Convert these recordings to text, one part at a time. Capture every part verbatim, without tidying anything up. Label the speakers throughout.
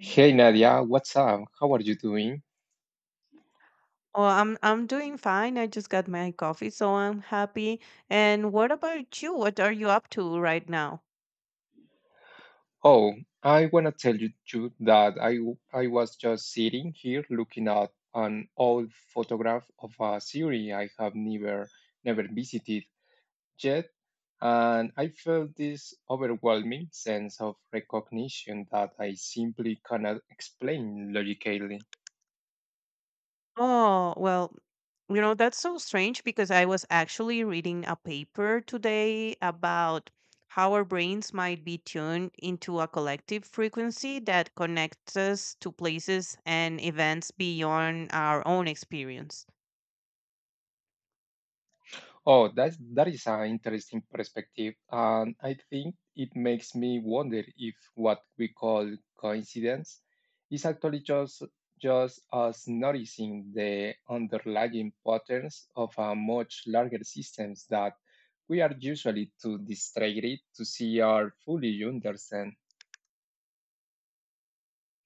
Speaker 1: Hey Nadia, what's up? How are you doing?
Speaker 2: Oh, I'm I'm doing fine. I just got my coffee, so I'm happy. And what about you? What are you up to right now?
Speaker 1: Oh, I wanna tell you, you that I w- I was just sitting here looking at an old photograph of a city I have never never visited yet, and I felt this overwhelming sense of recognition that I simply cannot explain logically.
Speaker 2: Oh, well, you know, that's so strange because I was actually reading a paper today about how our brains might be tuned into a collective frequency that connects us to places and events beyond our own experience.
Speaker 1: Oh, that's that is an interesting perspective, and I think it makes me wonder if what we call coincidence is actually just just us noticing the underlying patterns of a much larger systems that we are usually too distracted to see or fully understand.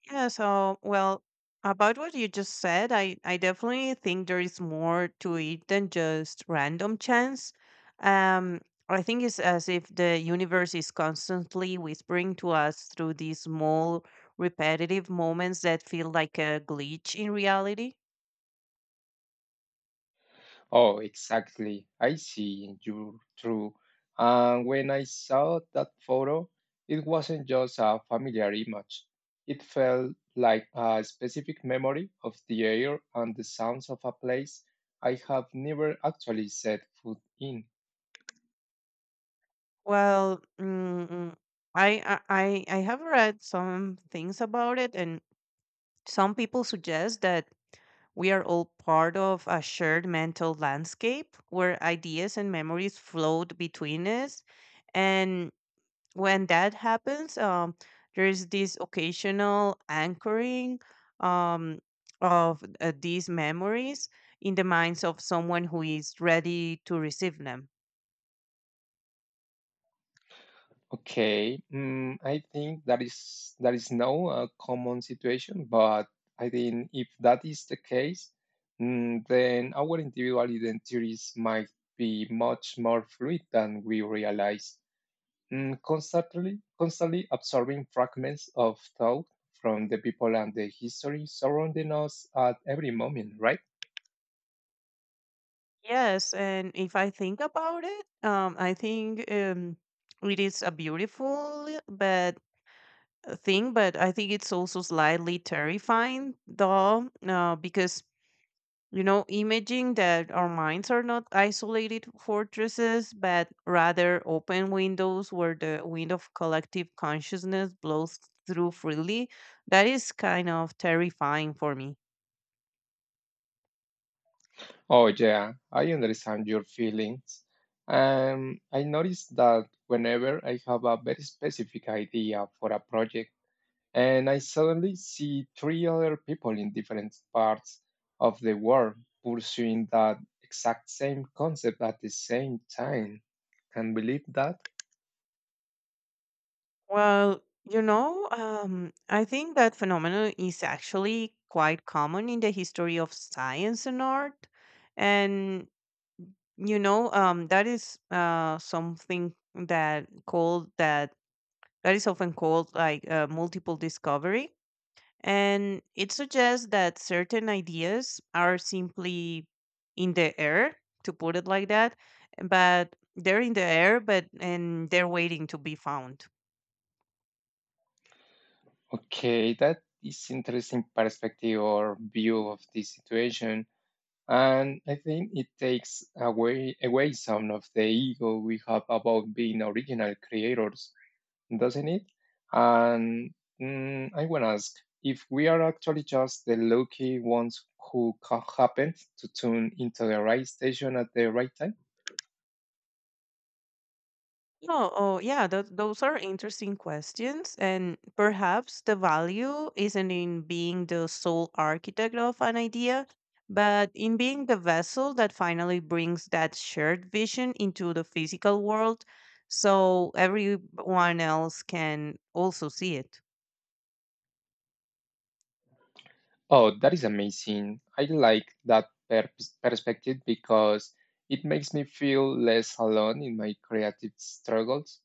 Speaker 2: Yeah, so well, about what you just said, I I definitely think there is more to it than just random chance. Um, I think it's as if the universe is constantly whispering to us through these small repetitive moments that feel like a glitch in reality.
Speaker 1: Oh, exactly. I see you through. And when I saw that photo, it wasn't just a familiar image. It felt like a specific memory of the air and the sounds of a place I have never actually set foot in.
Speaker 2: Well, mm, I I I I have read some things about it, and some people suggest that we are all part of a shared mental landscape where ideas and memories float between us. And when that happens, um, there is this occasional anchoring um, of uh, these memories in the minds of someone who is ready to receive them.
Speaker 1: Okay, mm, I think that is that is no uh, common situation, but I think if that is the case, mm, then our individual identities might be much more fluid than we realize. Mm, constantly, constantly absorbing fragments of thought from the people and the history surrounding us at every moment, right?
Speaker 2: Yes, and if I think about it, um, I think um, it is a beautiful but thing, but I think it's also slightly terrifying, though, uh, because you know, imaging that our minds are not isolated fortresses, but rather open windows where the wind of collective consciousness blows through freely. That is kind of terrifying for me.
Speaker 1: Oh, yeah, I understand your feelings. Um, I noticed that whenever I have a very specific idea for a project and I suddenly see three other people in different parts of the world pursuing that exact same concept at the same time. Can believe that?
Speaker 2: Well, you know, um, I think that phenomenon is actually quite common in the history of science and art. And you know, um, that is uh something that called that that is often called like uh, multiple discovery. And it suggests that certain ideas are simply in the air, to put it like that, but they're in the air, but and they're waiting to be found.
Speaker 1: Okay, that is interesting perspective or view of the situation. And I think it takes away away some of the ego we have about being original creators, doesn't it? And mm, I want to ask if we are actually just the lucky ones who ca- happened to tune into the right station at the right time.
Speaker 2: Oh oh yeah, those those are interesting questions, and perhaps the value isn't in being the sole architect of an idea, but in being the vessel that finally brings that shared vision into the physical world, so everyone else can also see it.
Speaker 1: Oh, that is amazing. I like that per- perspective because it makes me feel less alone in my creative struggles.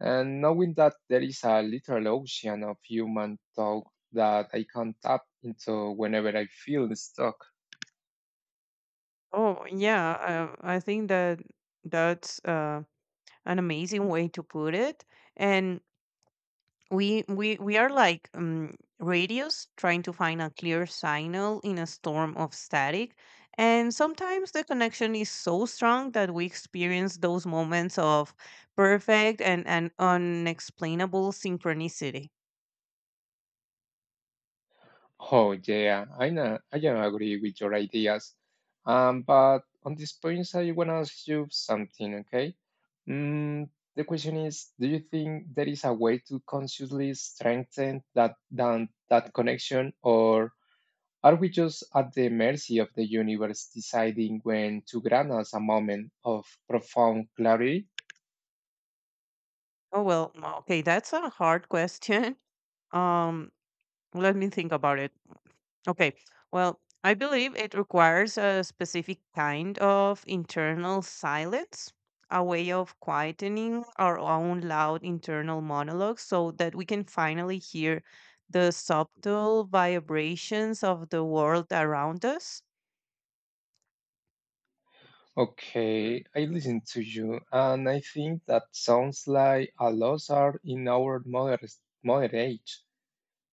Speaker 1: And knowing that there is a literal ocean of human talk that I can tap into whenever I feel stuck.
Speaker 2: Oh yeah, uh, I think that that's uh, an amazing way to put it, and we we we are like um, radios trying to find a clear signal in a storm of static, and sometimes the connection is so strong that we experience those moments of perfect and, and unexplainable synchronicity.
Speaker 1: Oh, yeah, I know, I can agree with your ideas. Um, but on this point, I want to ask you something, okay? Mm, the question is, do you think there is a way to consciously strengthen that, that that connection, or are we just at the mercy of the universe deciding when to grant us a moment of profound clarity?
Speaker 2: Oh, well, okay, that's a hard question. um Let me think about it. Okay. Well, I believe it requires a specific kind of internal silence, a way of quietening our own loud internal monologue so that we can finally hear the subtle vibrations of the world around us.
Speaker 1: Okay, I listen to you, and I think that sounds like a loss art in our modern, modern age,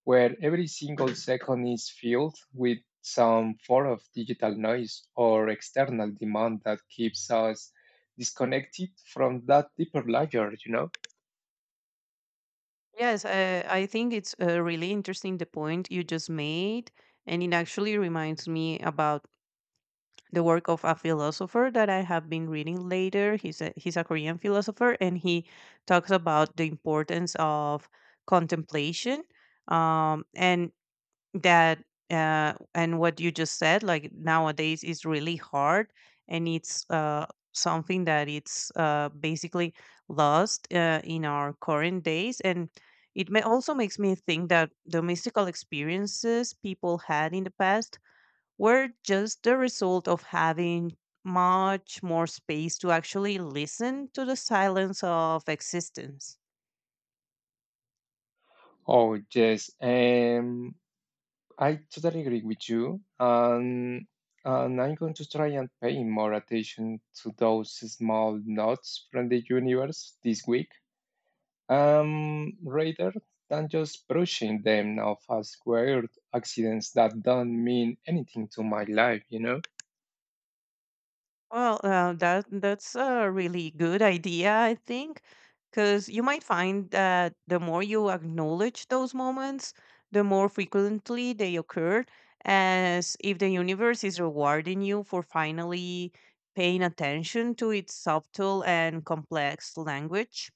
Speaker 1: where every single second is filled with some form of digital noise or external demand that keeps us disconnected from that deeper layer, you know?
Speaker 2: Yes, uh, I think it's uh, really interesting the point you just made. And it actually reminds me about the work of a philosopher that I have been reading later. He's a, he's a Korean philosopher, and he talks about the importance of contemplation, um, and that uh, and what you just said, like nowadays, is really hard, and it's uh, something that it's uh, basically lost uh, in our current days, and it may also makes me think that the mystical experiences people had in the past were just the result of having much more space to actually listen to the silence of existence.
Speaker 1: Oh, yes. Um, I totally agree with you. Um, and I'm going to try and pay more attention to those small notes from the universe this week, um, rather than just brushing them off as weird accidents that don't mean anything to my life, you know?
Speaker 2: Well, uh, that that's a really good idea, I think, because you might find that the more you acknowledge those moments, the more frequently they occur, as if the universe is rewarding you for finally paying attention to its subtle and complex language.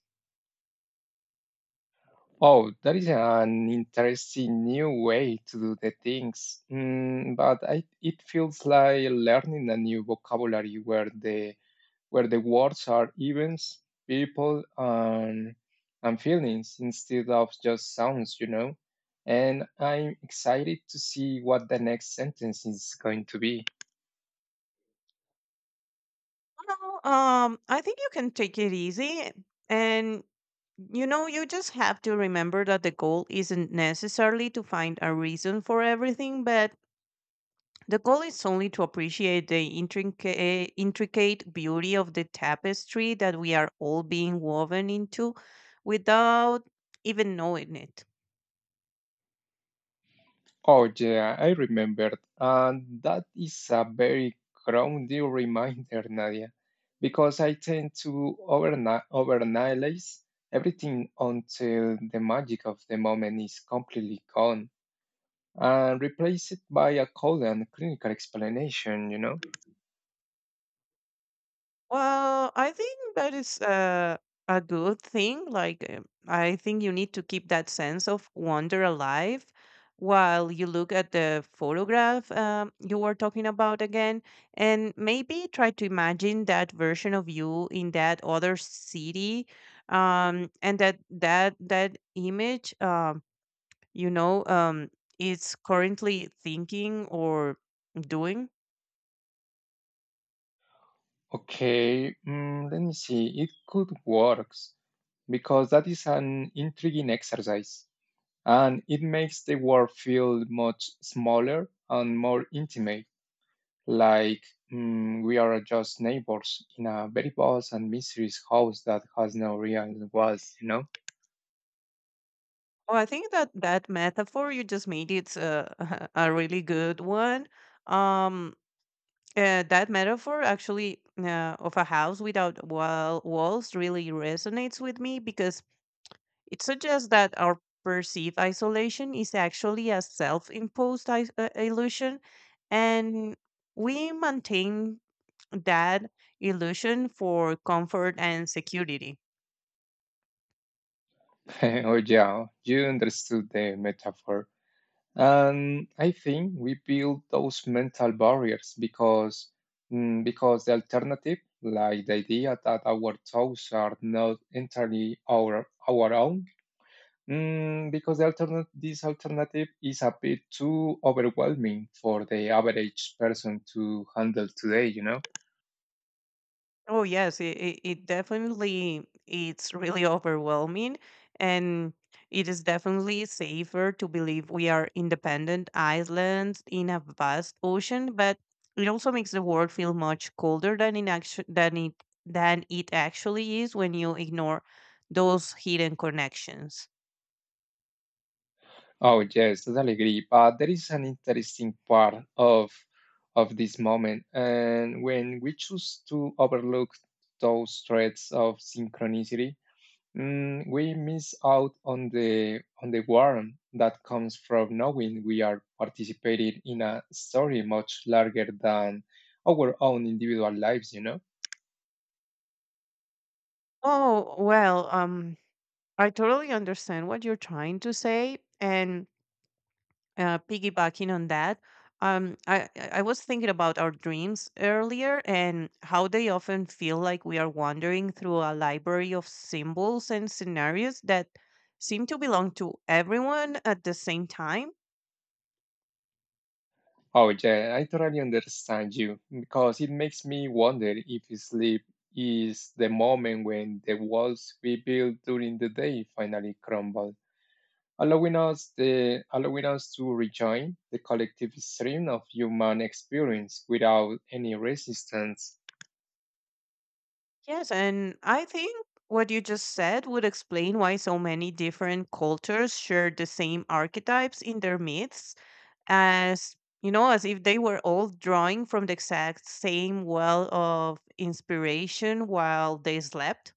Speaker 1: Oh, that is an interesting new way to do the things. Mm, but I, it feels like learning a new vocabulary where the where the words are events, people, and and feelings instead of just sounds, you know. And I'm excited to see what the next sentence is going to be.
Speaker 2: Well, um, I think you can take it easy, and you know, you just have to remember that the goal isn't necessarily to find a reason for everything, but the goal is only to appreciate the intricate, intricate beauty of the tapestry that we are all being woven into without even knowing it.
Speaker 1: Oh yeah, I remembered. And that is a very grounding reminder, Nadia, because I tend to overna- overanalyze everything until the magic of the moment is completely gone, and replace it by a code and clinical explanation, you know?
Speaker 2: Well, I think that is uh, a good thing. Like, um, I think you need to keep that sense of wonder alive while you look at the photograph um, you were talking about again, and maybe try to imagine that version of you in that other city, um, and that that that image, um, you know, um, is currently thinking or doing.
Speaker 1: Okay, mm, let me see. It could work because that is an intriguing exercise and it makes the world feel much smaller and more intimate, like mm, we are just neighbors in a very vast and mysterious house that has no real walls, you know?
Speaker 2: Well, I think that that metaphor you just made it's a a really good one. Um, uh, that metaphor actually uh, of a house without wall walls really resonates with me because it suggests that our perceived isolation is actually a self-imposed is- uh, illusion, and we maintain that illusion for comfort and security.
Speaker 1: Oh, yeah, you understood the metaphor. And I think we build those mental barriers because mm, because the alternative, like the idea that our thoughts are not entirely our our own, mm, because the alternate this alternative is a bit too overwhelming for the average person to handle today, you know.
Speaker 2: Oh yes, it, it, it definitely it's really overwhelming, and it is definitely safer to believe we are independent islands in a vast ocean, but it also makes the world feel much colder than in actu- than it than it actually is when you ignore those hidden connections.
Speaker 1: Oh yes, totally agree. But there is an interesting part of of this moment, and when we choose to overlook those threads of synchronicity, mm, we miss out on the on the warmth that comes from knowing we are participating in a story much larger than our own individual lives, you know.
Speaker 2: Oh well, um I totally understand what you're trying to say, and uh, piggybacking on that, um, I I I was thinking about our dreams earlier and how they often feel like we are wandering through a library of symbols and scenarios that seem to belong to everyone at the same time.
Speaker 1: Oh, yeah, I totally understand you because it makes me wonder if sleep is the moment when the walls we built during the day finally crumble, allowing us the allowing us to rejoin the collective stream of human experience without any resistance.
Speaker 2: Yes, and I think what you just said would explain why so many different cultures share the same archetypes in their myths as you know, as if they were all drawing from the exact same well of inspiration while they slept.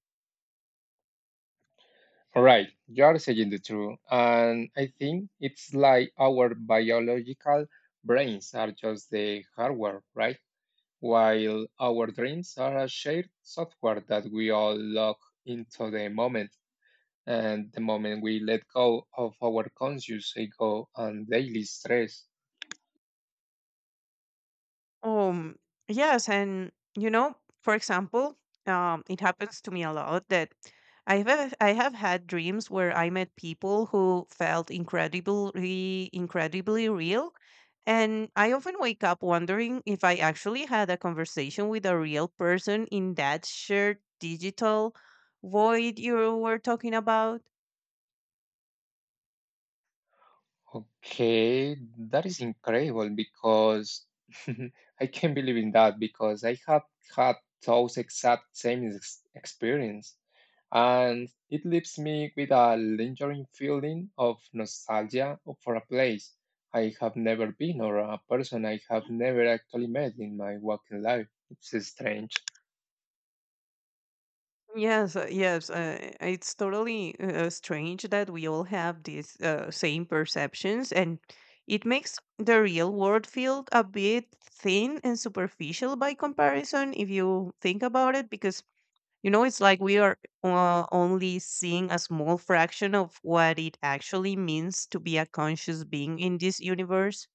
Speaker 1: Right, you are saying the truth, and I think it's like our biological brains are just the hardware, right? While our dreams are a shared software that we all lock into the moment, and the moment we let go of our conscious ego and daily stress.
Speaker 2: Um, yes, and you know, for example, um, it happens to me a lot that I have I have had dreams where I met people who felt incredibly incredibly real, and I often wake up wondering if I actually had a conversation with a real person in that shared digital void you were talking about.
Speaker 1: Okay, that is incredible because I can't believe in that because I have had those exact same ex- experience, and it leaves me with a lingering feeling of nostalgia for a place I have never been or a person I have never actually met in my working life. It's strange.
Speaker 2: Yes, uh, yes, uh, it's totally uh, uh, strange that we all have these uh, same perceptions, and it makes the real world feel a bit thin and superficial by comparison, if you think about it, because you know it's like we are uh, only seeing a small fraction of what it actually means to be a conscious being in this universe.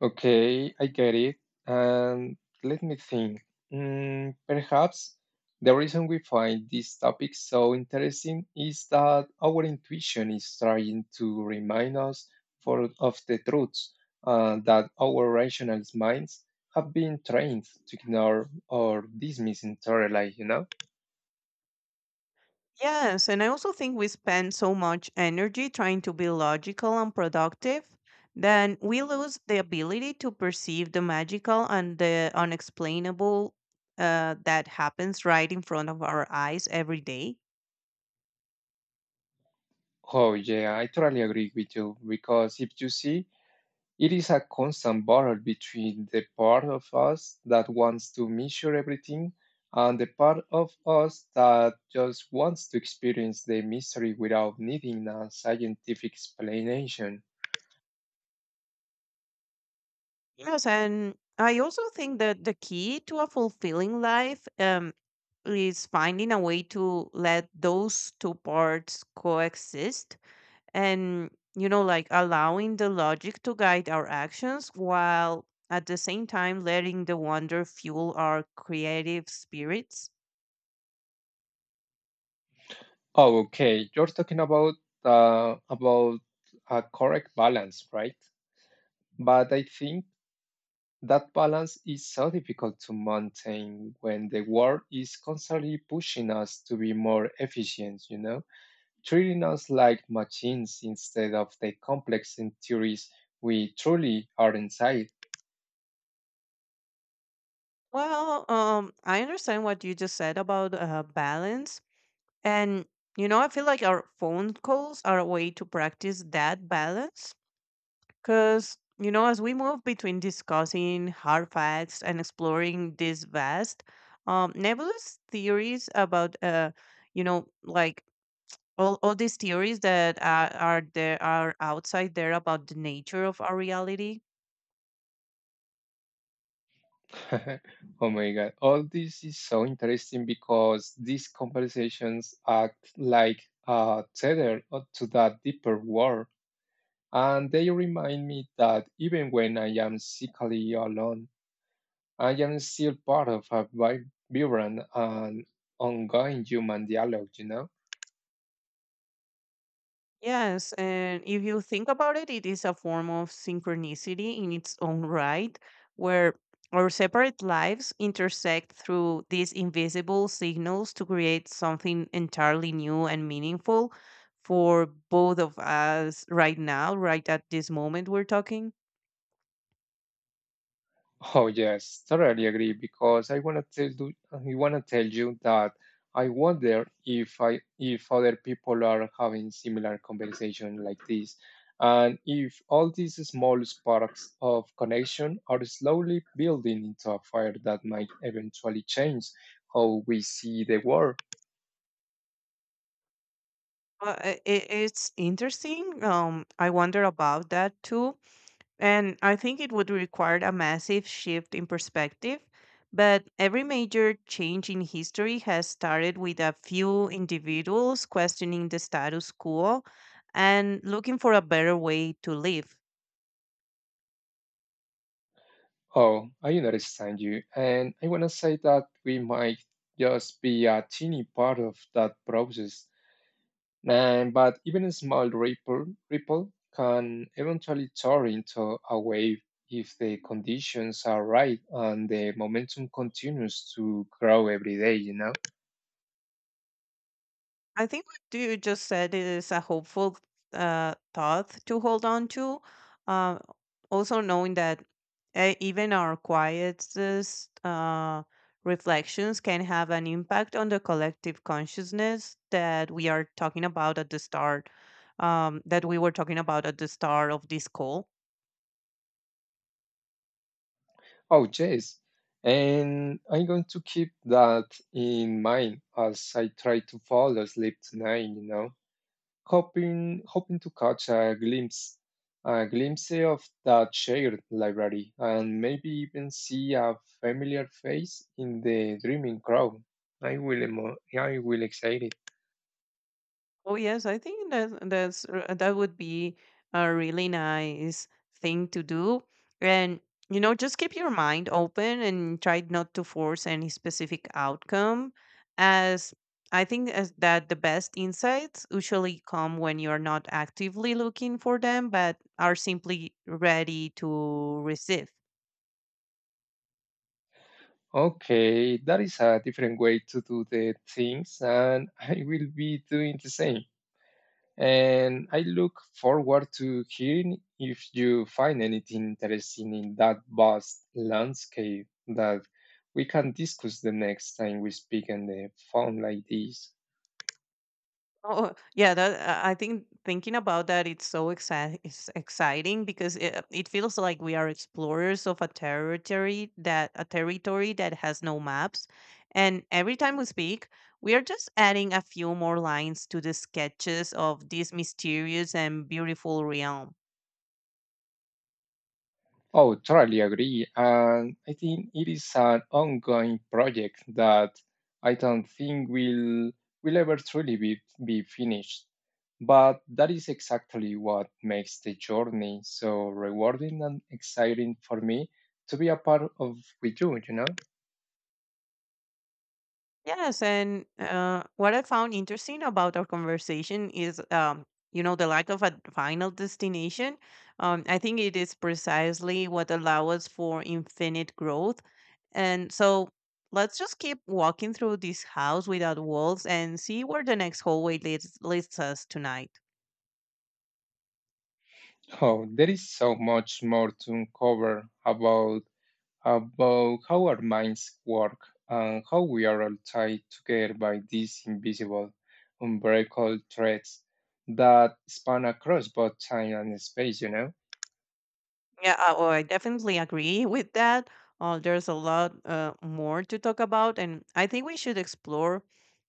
Speaker 1: Okay, I get it. And let me think. Mm, perhaps the reason we find this topic so interesting is that our intuition is trying to remind us for, of the truths uh, that our rational minds have been trained to ignore or dismiss entirely, you know?
Speaker 2: Yes, and I also think we spend so much energy trying to be logical and productive, then we lose the ability to perceive the magical and the unexplainable uh, that happens right in front of our eyes every day.
Speaker 1: Oh, yeah, I totally agree with you because if you see, it is a constant battle between the part of us that wants to measure everything and the part of us that just wants to experience the mystery without needing a scientific explanation.
Speaker 2: Yes, and I also think that the key to a fulfilling life um, is finding a way to let those two parts coexist, and you know like allowing the logic to guide our actions while at the same time letting the wonder fuel our creative spirits.
Speaker 1: Oh, okay. You're talking about uh, about a correct balance, right? But I think that balance is so difficult to maintain when the world is constantly pushing us to be more efficient, you know? Treating us like machines instead of the complex entities we truly are inside.
Speaker 2: Well, um I understand what you just said about uh, balance, and you know I feel like our phone calls are a way to practice that balance because you know as we move between discussing hard facts and exploring these vast um nebulous theories about uh you know like all all these theories that uh, are there are outside there about the nature of our reality.
Speaker 1: Oh my god, all this is so interesting because these conversations act like a tether to that deeper world, and they remind me that even when I am sickly alone, I am still part of a vi- vibrant and ongoing human dialogue, you know?
Speaker 2: Yes, and if you think about it, it is a form of synchronicity in its own right, where our separate lives intersect through these invisible signals to create something entirely new and meaningful for both of us right now, right at this moment we're talking.
Speaker 1: Oh yes, totally agree because I wanna tell you, I wanna tell you that I wonder if I if other people are having similar conversation like this, and if all these small sparks of connection are slowly building into a fire that might eventually change how we see the world.
Speaker 2: uh, it, it's interesting. um I wonder about that too. And I think it would require a massive shift in perspective, but every major change in history has started with a few individuals questioning the status quo and looking for a better way to live.
Speaker 1: Oh, I understand you, and I wanna say that we might just be a teeny part of that process. And, but even a small ripple, ripple can eventually turn into a wave if the conditions are right and the momentum continues to grow every day, you know?
Speaker 2: I think what you just said is a hopeful uh, thought to hold on to. Uh, Also, knowing that uh, even our quietest uh, reflections can have an impact on the collective consciousness that we are talking about at the start, um, that we were talking about at the start of this call.
Speaker 1: Oh, yes. And I'm going to keep that in mind as I try to fall asleep tonight, you know? Hoping hoping to catch a glimpse a glimpse of that shared library and maybe even see a familiar face in the dreaming crowd. I will emo- I will excited.
Speaker 2: Oh yes, I think that that's r- that would be a really nice thing to do. And you know, just keep your mind open and try not to force any specific outcome, as I think as that the best insights usually come when you're not actively looking for them but are simply ready to receive.
Speaker 1: Okay, that is a different way to do the things and I will be doing the same. And I look forward to hearing if you find anything interesting in that vast landscape that we can discuss the next time we speak on the phone like this.
Speaker 2: Oh, yeah, that I I think thinking about that it's so exci- it's exciting because it, it feels like we are explorers of a territory that a territory that has no maps. And every time we speak, we are just adding a few more lines to the sketches of this mysterious and beautiful realm.
Speaker 1: Oh, totally agree. And I think it is an ongoing project that I don't think will will ever truly be, be finished. But that is exactly what makes the journey so rewarding and exciting for me to be a part of with you, you know?
Speaker 2: Yes, and uh, what I found interesting about our conversation is, um, you know, the lack of a final destination. Um, I think it is precisely what allows us for infinite growth. And so let's just keep walking through this house without walls and see where the next hallway leads, leads us tonight.
Speaker 1: Oh, there is so much more to uncover about about how our minds work and how we are all tied together by these invisible, unbreakable threads that span across both time and space, you know?
Speaker 2: Yeah, uh, oh, I definitely agree with that. Uh, there's a lot uh, more to talk about, and I think we should explore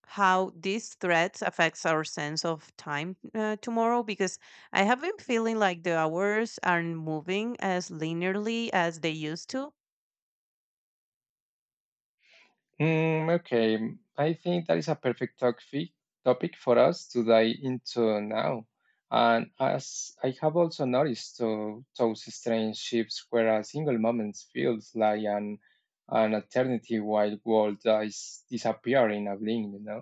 Speaker 2: how these threats affects our sense of time uh, tomorrow because I have been feeling like the hours aren't moving as linearly as they used to.
Speaker 1: Mm, okay, I think that is a perfect topic, topic for us to dive into now. And as I have also noticed too, those strange shifts where a single moment feels like an, an eternity while world is disappearing in a blink, you know?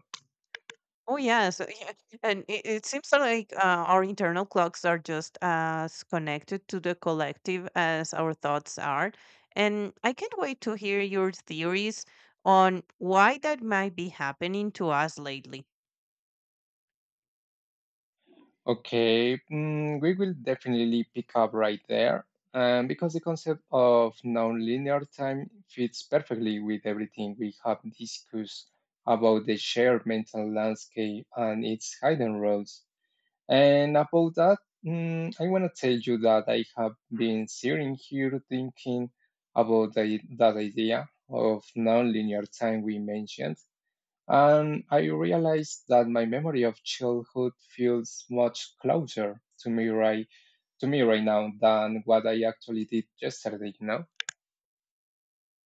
Speaker 2: Oh yes, uh, yeah. And it, it seems like uh, our internal clocks are just as connected to the collective as our thoughts are. And I can't wait to hear your theories on why that might be happening to us lately.
Speaker 1: Okay, mm, we will definitely pick up right there um, because the concept of nonlinear time fits perfectly with everything we have discussed about the shared mental landscape and its hidden roles. And about that, mm, I want to tell you that I have been sitting here thinking about the, that idea of nonlinear time we mentioned. And I realized that my memory of childhood feels much closer to me right to me right now than what I actually did yesterday, you know?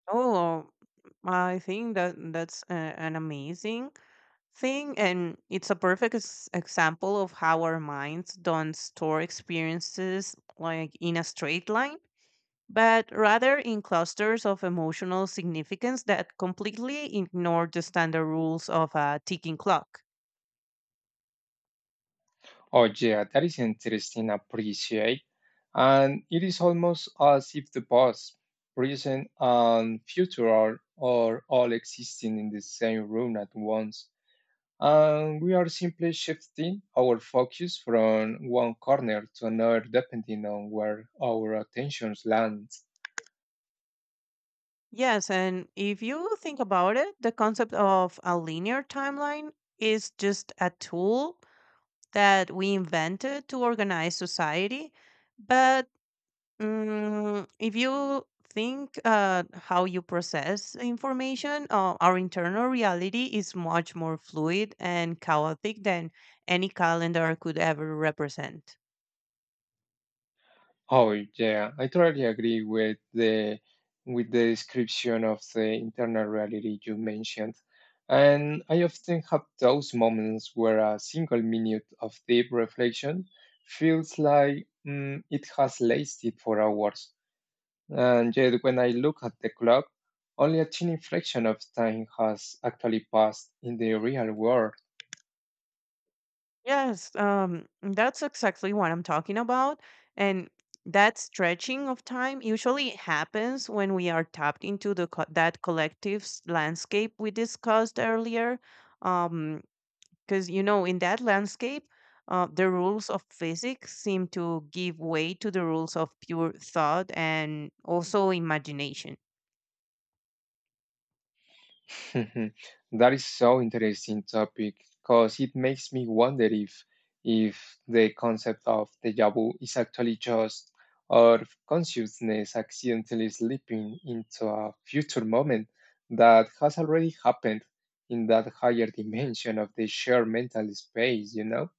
Speaker 2: Oh, I think that that's a, an amazing thing, and it's a perfect ex- example of how our minds don't store experiences like in a straight line but rather in clusters of emotional significance that completely ignore the standard rules of a ticking clock.
Speaker 1: Oh, yeah, that is interesting appreciate. And it is almost as if the past, present, and future are, are all existing in the same room at once. And we are simply shifting our focus from one corner to another depending on where our attention lands.
Speaker 2: Yes, and if you think about it, the concept of a linear timeline is just a tool that we invented to organize society, but Mm, if you think uh, how you process information, uh, our internal reality is much more fluid and chaotic than any calendar could ever represent.
Speaker 1: Oh yeah, I totally agree with the with the description of the internal reality you mentioned. And I often have those moments where a single minute of deep reflection feels like mm, it has lasted for hours. And yet, when I look at the clock, only a tiny fraction of time has actually passed in the real world.
Speaker 2: Yes, um, that's exactly what I'm talking about. And that stretching of time usually happens when we are tapped into the co- that collective s- landscape we discussed earlier. Um, because you know, in that landscape, uh, the rules of physics seem to give way to the rules of pure thought and also imagination.
Speaker 1: Mhm. That is so interesting topic because it makes me wonder if if the concept of deja vu is actually just our consciousness accidentally slipping into a future moment that has already happened in that higher dimension of the shared mental space, you know?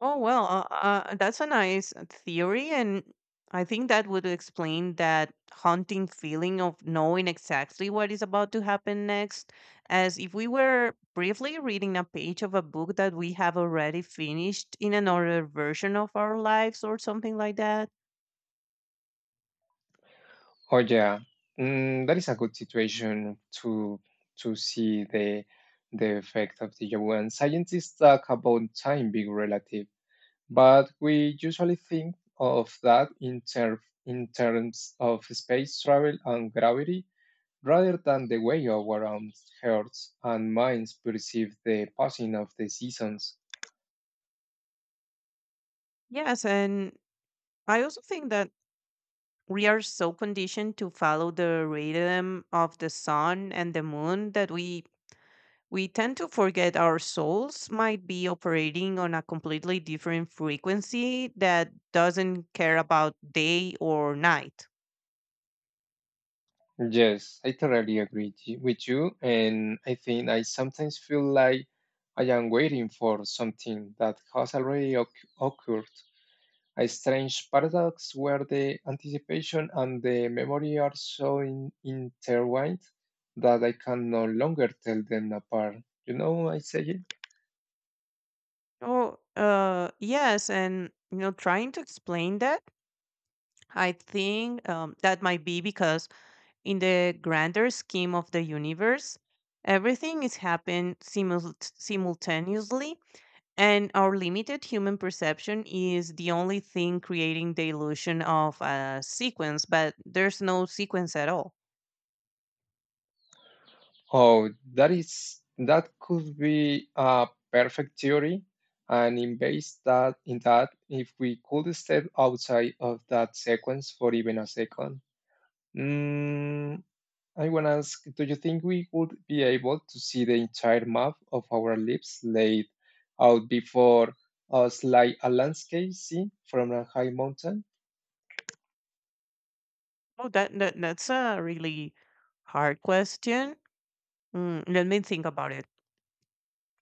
Speaker 2: Oh well, uh, uh, that's a nice theory, and I think that would explain that haunting feeling of knowing exactly what is about to happen next, as if we were briefly reading a page of a book that we have already finished in another version of our lives or something like that.
Speaker 1: Oh yeah, mm, that is a good situation to to see the the effect of the Yahoo. And scientists talk about time being relative, but we usually think of that in ter in terms of space travel and gravity, rather than the way our own hearts, and minds perceive the passing of the seasons.
Speaker 2: Yes, and I also think that we are so conditioned to follow the rhythm of the sun and the moon that we We tend to forget our souls might be operating on a completely different frequency that doesn't care about day or night.
Speaker 1: Yes, I totally agree t- with you. And I think I sometimes feel like I am waiting for something that has already occ- occurred. A strange paradox where the anticipation and the memory are so in- intertwined that I can no longer tell them apart. You know what I say?
Speaker 2: Oh, uh, yes, and you know, trying to explain that, I think um, that might be because in the grander scheme of the universe, everything is happening simul- simultaneously. And our limited human perception is the only thing creating the illusion of a sequence, but there's no sequence at all.
Speaker 1: Oh, that is that could be a perfect theory, and in base that in that if we could step outside of that sequence for even a second. Mm, I want to ask, do you think we would be able to see the entire map of our lives laid out before us like a landscape seen from a high mountain?
Speaker 2: Oh, that, that that's a really hard question. Mm, let me think about it.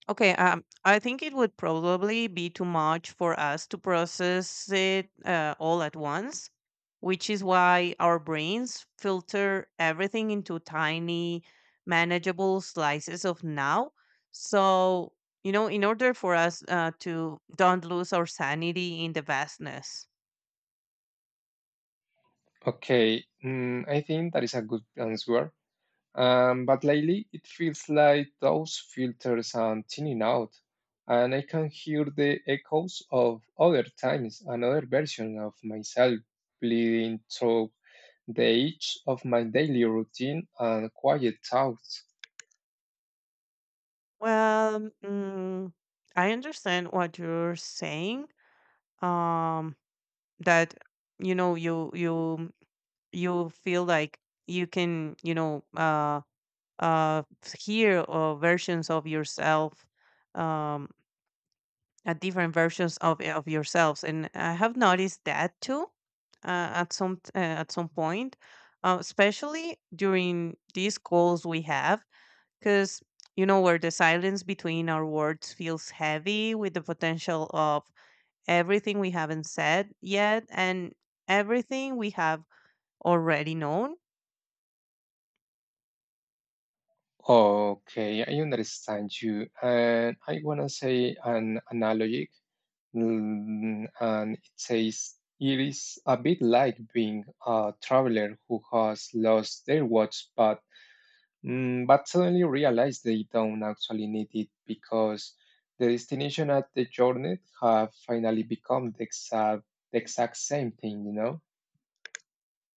Speaker 2: Okay, um, I think it would probably be too much for us to process it uh, all at once, which is why our brains filter everything into tiny, manageable slices of now. So, you know, in order for us uh, to don't lose our sanity in the vastness.
Speaker 1: Okay, mm, I think that is a good answer. Um, but lately, it feels like those filters are thinning out, and I can hear the echoes of other times, another version of myself bleeding through the edge of my daily routine and quiet thoughts.
Speaker 2: Well, mm, I understand what you're saying. Um, that you know you you you feel like you can you know uh uh hear uh, versions of yourself um uh, different versions of of yourselves, and I have noticed that too uh, at some t- uh, at some point, uh, especially during these calls we have, because you know where the silence between our words feels heavy with the potential of everything we haven't said yet and everything we have already known.
Speaker 1: Okay, I understand you, and I wanna say an analogy, mm, and it says it is a bit like being a traveler who has lost their watch, but mm, but suddenly realize they don't actually need it because the destination at the journey have finally become the exact, the exact same thing, you know?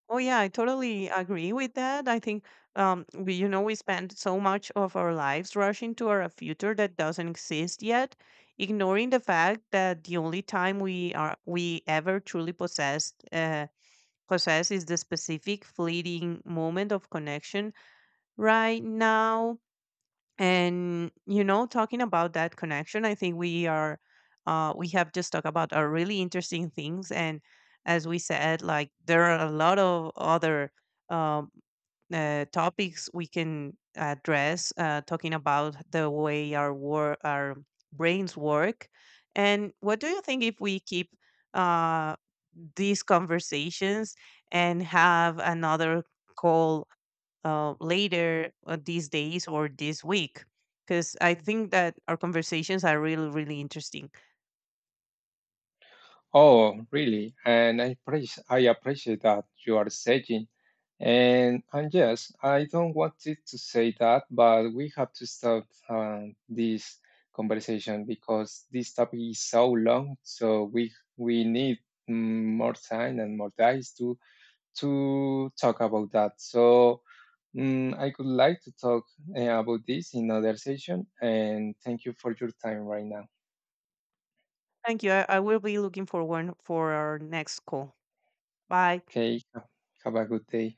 Speaker 2: Oh yeah, I totally agree with that. I think um we you know we spend so much of our lives rushing toward a future that doesn't exist yet, ignoring the fact that the only time we are we ever truly possess uh possess is the specific fleeting moment of connection right now. And you know talking about that connection, I think we are uh, we have just talked about are really interesting things, and as we said, like, there are a lot of other um, uh, topics we can address, uh, talking about the way our wor- our brains work. And what do you think if we keep uh, these conversations and have another call uh, later, uh, these days or this week, because I think that our conversations are really, really interesting.
Speaker 1: Oh, really? And I, pre- I appreciate that you are saying. And, and yes, I don't want it to say that, but we have to stop uh, this conversation because this topic is so long. So we we need mm, more time and more guys to to talk about that. So mm, I could like to talk uh, about this in another session. And thank you for your time right now.
Speaker 2: Thank you. I, I will be looking forward for our next call. Bye.
Speaker 1: Okay, have a good day.